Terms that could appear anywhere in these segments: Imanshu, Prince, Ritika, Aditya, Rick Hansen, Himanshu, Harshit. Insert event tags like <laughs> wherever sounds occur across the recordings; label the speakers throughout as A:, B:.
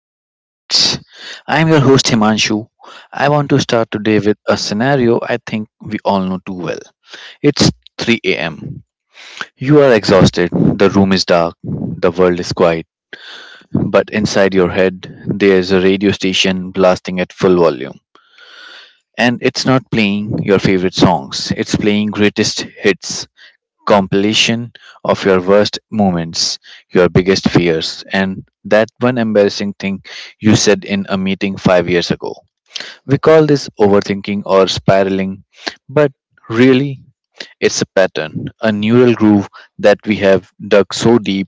A: new coordinates. I am your host Himanshu. I want to start today with a scenario I think we all know too well. It's 3 am. You are exhausted, the room is dark, the world is quiet, but inside your head there is a radio station blasting at full volume. And it's not playing your favorite songs, it's playing greatest hits. Compilation of your worst moments, your biggest fears, and that one embarrassing thing you said in a meeting 5 years ago. We call this overthinking or spiraling, but really, it's a pattern, a neural groove that we have dug so deep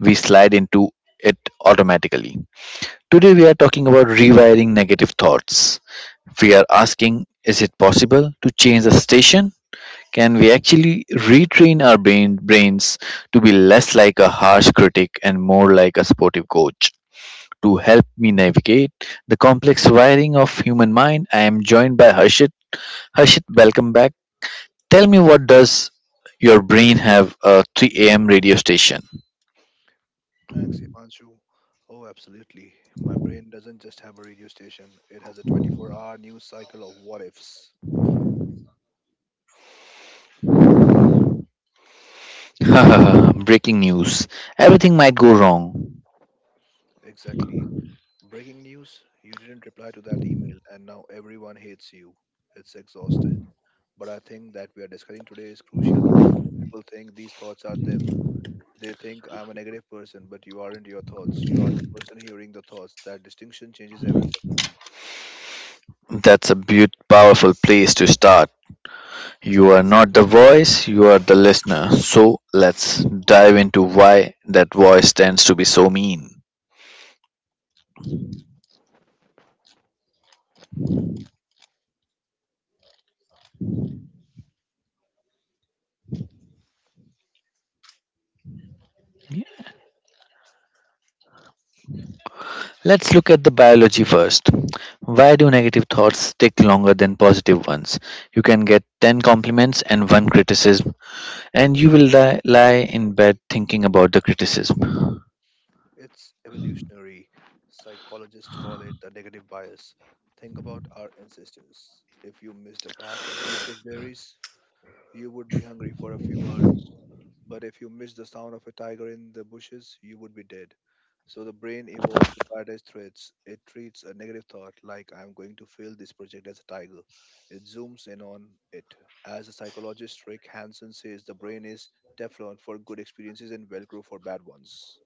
A: we slide into it automatically. Today, we are talking about rewiring negative thoughts. We are asking, is it possible to change the station? Can we actually retrain our brains to be less like a harsh critic and more like a supportive coach? To help me navigate the complex wiring of human mind, I am joined by Harshit. Harshit, welcome back. Tell me, what does your brain have a 3 a.m. radio station?
B: Thanks, Imanshu. Oh, absolutely. My brain doesn't just have a radio station, it has a 24-hour hour news cycle of what ifs.
A: <laughs> Breaking news. Everything might go wrong.
B: Exactly. Breaking news, you didn't reply to that email, and now everyone hates you. It's exhausted. But I think that we are discussing today is crucial because most people think these thoughts are them. They think I'm a negative person, but you aren't your thoughts. You are the person hearing the thoughts. That distinction changes everything.
A: That's a powerful place to start. You are not the voice, you are the listener. So let's dive into why that voice tends to be so mean. Let's look at the biology first. Why do negative thoughts stick longer than positive ones? You can get 10 compliments and one criticism, and you will lie in bed thinking about the criticism.
B: It's evolutionary. Psychologists call it the negative bias. Think about our ancestors. If you missed a patch of delicious berries, you would be hungry for a few hours. But if you missed the sound of a tiger in the bushes, you would be dead. So the brain evolved to prioritize threats. It treats a negative thought like I'm going to fail this project as a tiger. It zooms in on it. As a psychologist Rick Hansen says, the brain is Teflon for good experiences and Velcro for bad ones.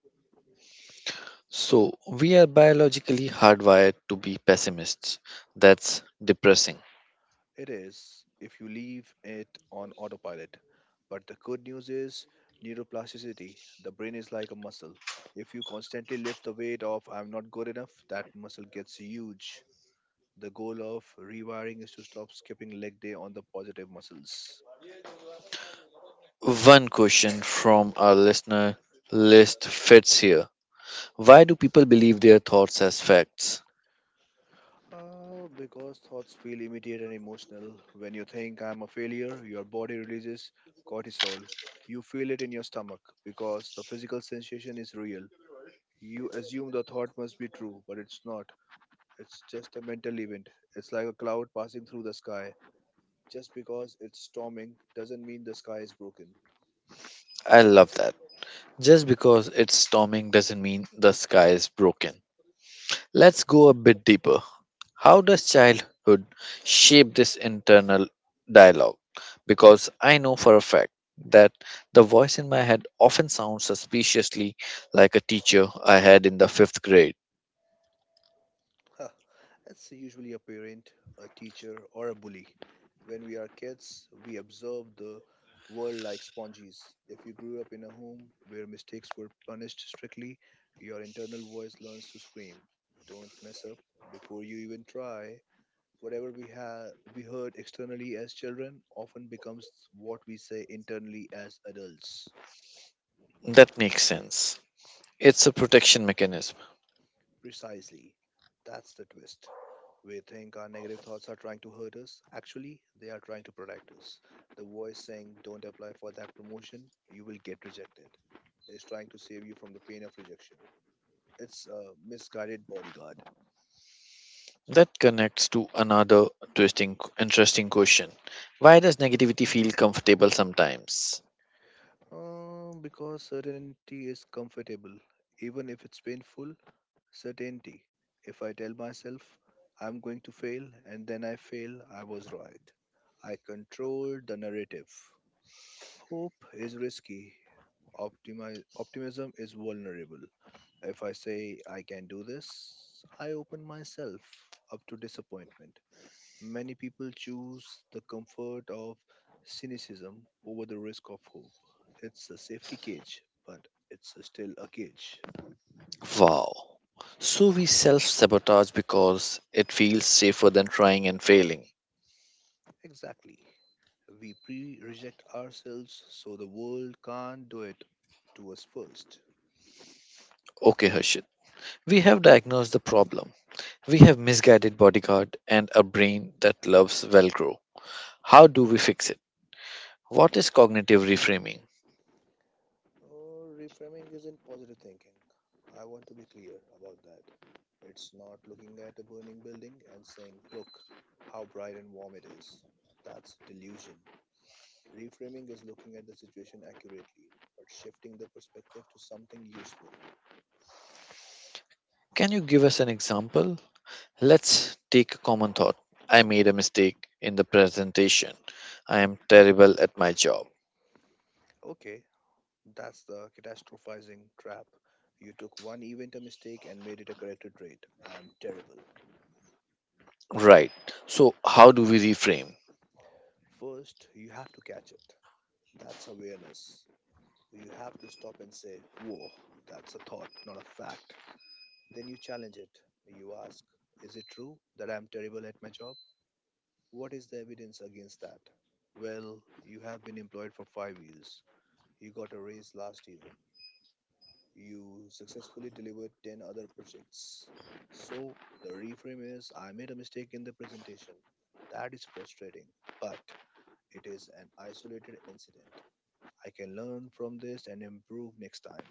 A: So, we are biologically hardwired to be pessimists. That's depressing.
B: It is if you leave it on autopilot. But the good news is neuroplasticity. The brain is like a muscle. If you constantly lift the weight of I'm not good enough, that muscle gets huge. The goal of rewiring is to stop skipping leg day on the positive muscles.
A: One question from our listener list fits here. Why do people believe their thoughts as facts?
B: Because thoughts feel immediate and emotional. When you think I'm a failure, your body releases cortisol. You feel it in your stomach because the physical sensation is real. You assume the thought must be true, but it's not. It's just a mental event. It's like a cloud passing through the sky. Just because it's storming doesn't mean the sky is broken.
A: I love that. Just because it's storming doesn't mean the sky is broken. Let's go a bit deeper. How does childhood shape this internal dialogue? Because I know for a fact that the voice in my head often sounds suspiciously like a teacher I had in the fifth grade.
B: Ha! It's usually a parent, a teacher, or a bully. When we are kids, we observe the world like sponges. If you grew up in a home where mistakes were punished strictly, your internal voice learns to scream, don't mess up before you even try. Whatever we have we heard externally as children often becomes what we say internally as adults.
A: That makes sense. It's a protection mechanism.
B: Precisely. That's the twist. We think our negative thoughts are trying to hurt us. Actually, they are trying to protect us. The voice saying, don't apply for that promotion, you will get rejected, is trying to save you from the pain of rejection. It's a misguided bodyguard.
A: That connects to another twisting, interesting question. Why does negativity feel comfortable sometimes?
B: Because certainty is comfortable, even if it's painful, certainty. If I tell myself I'm going to fail and then I fail, I was right. I control the narrative. Hope is risky. Optimism is vulnerable. If I say I can do this, I open myself up to disappointment. Many people choose the comfort of cynicism over the risk of hope. It's a safety cage, but it's still a cage.
A: Wow. So we self sabotage because it feels safer than trying and failing.
B: Exactly. We pre reject ourselves so the world can't do it to us first.
A: Okay, Harshit. We have diagnosed the problem. We have misguided bodyguard and a brain that loves Velcro. How do we fix it? What is cognitive reframing?
B: Or reframing isn't positive thinking. I want to be clear about that. It's not looking at a burning building and saying, look how bright and warm it is. That's delusion. Reframing is looking at the situation accurately, but shifting the perspective to something useful.
A: Can you give us an example? Let's take a common thought. I made a mistake in the presentation. I am terrible at my job.
B: Okay, that's the catastrophizing trap. You took one event a mistake and made it a corrected trait. I am terrible.
A: Right. So, how do we reframe?
B: First, you have to catch it. That's awareness. You have to stop and say, whoa, that's a thought, not a fact. Then you challenge it. You ask, is it true that I'm terrible at my job? What is the evidence against that? Well, you have been employed for 5 years. You got a raise last year. You successfully delivered 10 other projects. So, the reframe is I made a mistake in the presentation. That is frustrating, but it is an isolated incident. I can learn from this and improve next time.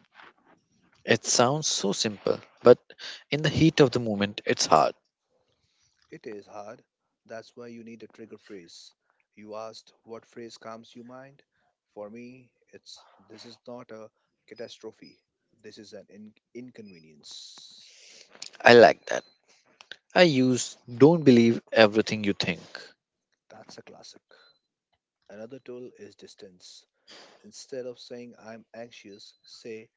A: It sounds so simple, but in the heat of the moment, it's hard.
B: It is hard. That's why you need a trigger phrase. You asked what phrase calms your mind? For me, it's this is not a catastrophe. This is an inconvenience.
A: I like that. I use don't believe everything you think.
B: That's a classic. Another tool is distance. Instead of saying I'm anxious, say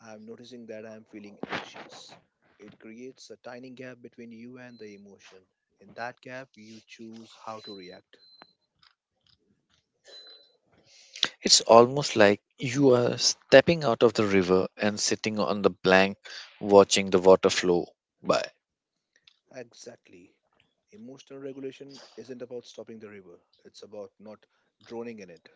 B: I'm noticing that I'm feeling anxious. It creates a tiny gap between you and the emotion. In that gap, you choose how to react.
A: It's almost like you are stepping out of the river and sitting on the bank watching the water flow by.
B: Exactly. Emotional regulation isn't about stopping the river, it's about not drowning in it.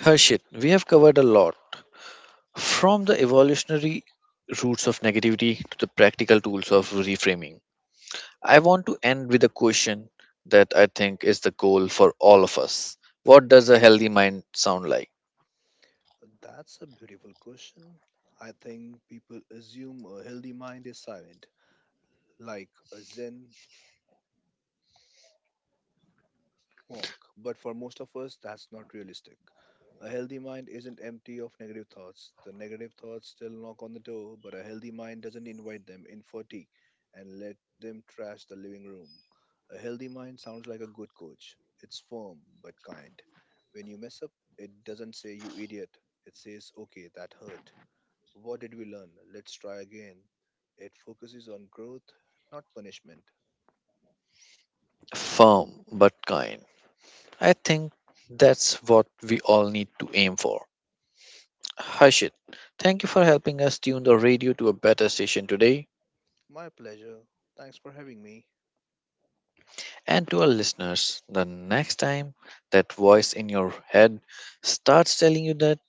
A: Harshit, we have covered a lot. From the evolutionary roots of negativity to the practical tools of reframing, I want to end with a question that I think is the goal for all of us. What does a healthy mind sound like?
B: That's a beautiful question. I think people assume a healthy mind is silent, like a Zen wonk, but for most of us, that's not realistic. A healthy mind isn't empty of negative thoughts. The negative thoughts still knock on the door, but a healthy mind doesn't invite them in for tea and let them trash the living room. A healthy mind sounds like a good coach. It's firm but kind. When you mess up, it doesn't say, you idiot. It says, okay, that hurt. What did we learn? Let's try again. It focuses on growth, not punishment.
A: Firm but kind. I think that's what we all need to aim for. Harshit, thank you for helping us tune the radio to a better station today.
B: My pleasure. Thanks for having me.
A: And to our listeners, the next time that voice in your head starts telling you that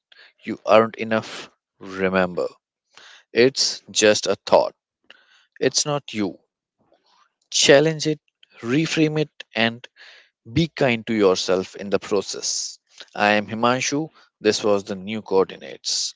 A: you aren't enough, remember it's just a thought, it's not you. Challenge it, reframe it, and be kind to yourself in the process. I am Himanshu. This was the new coordinates.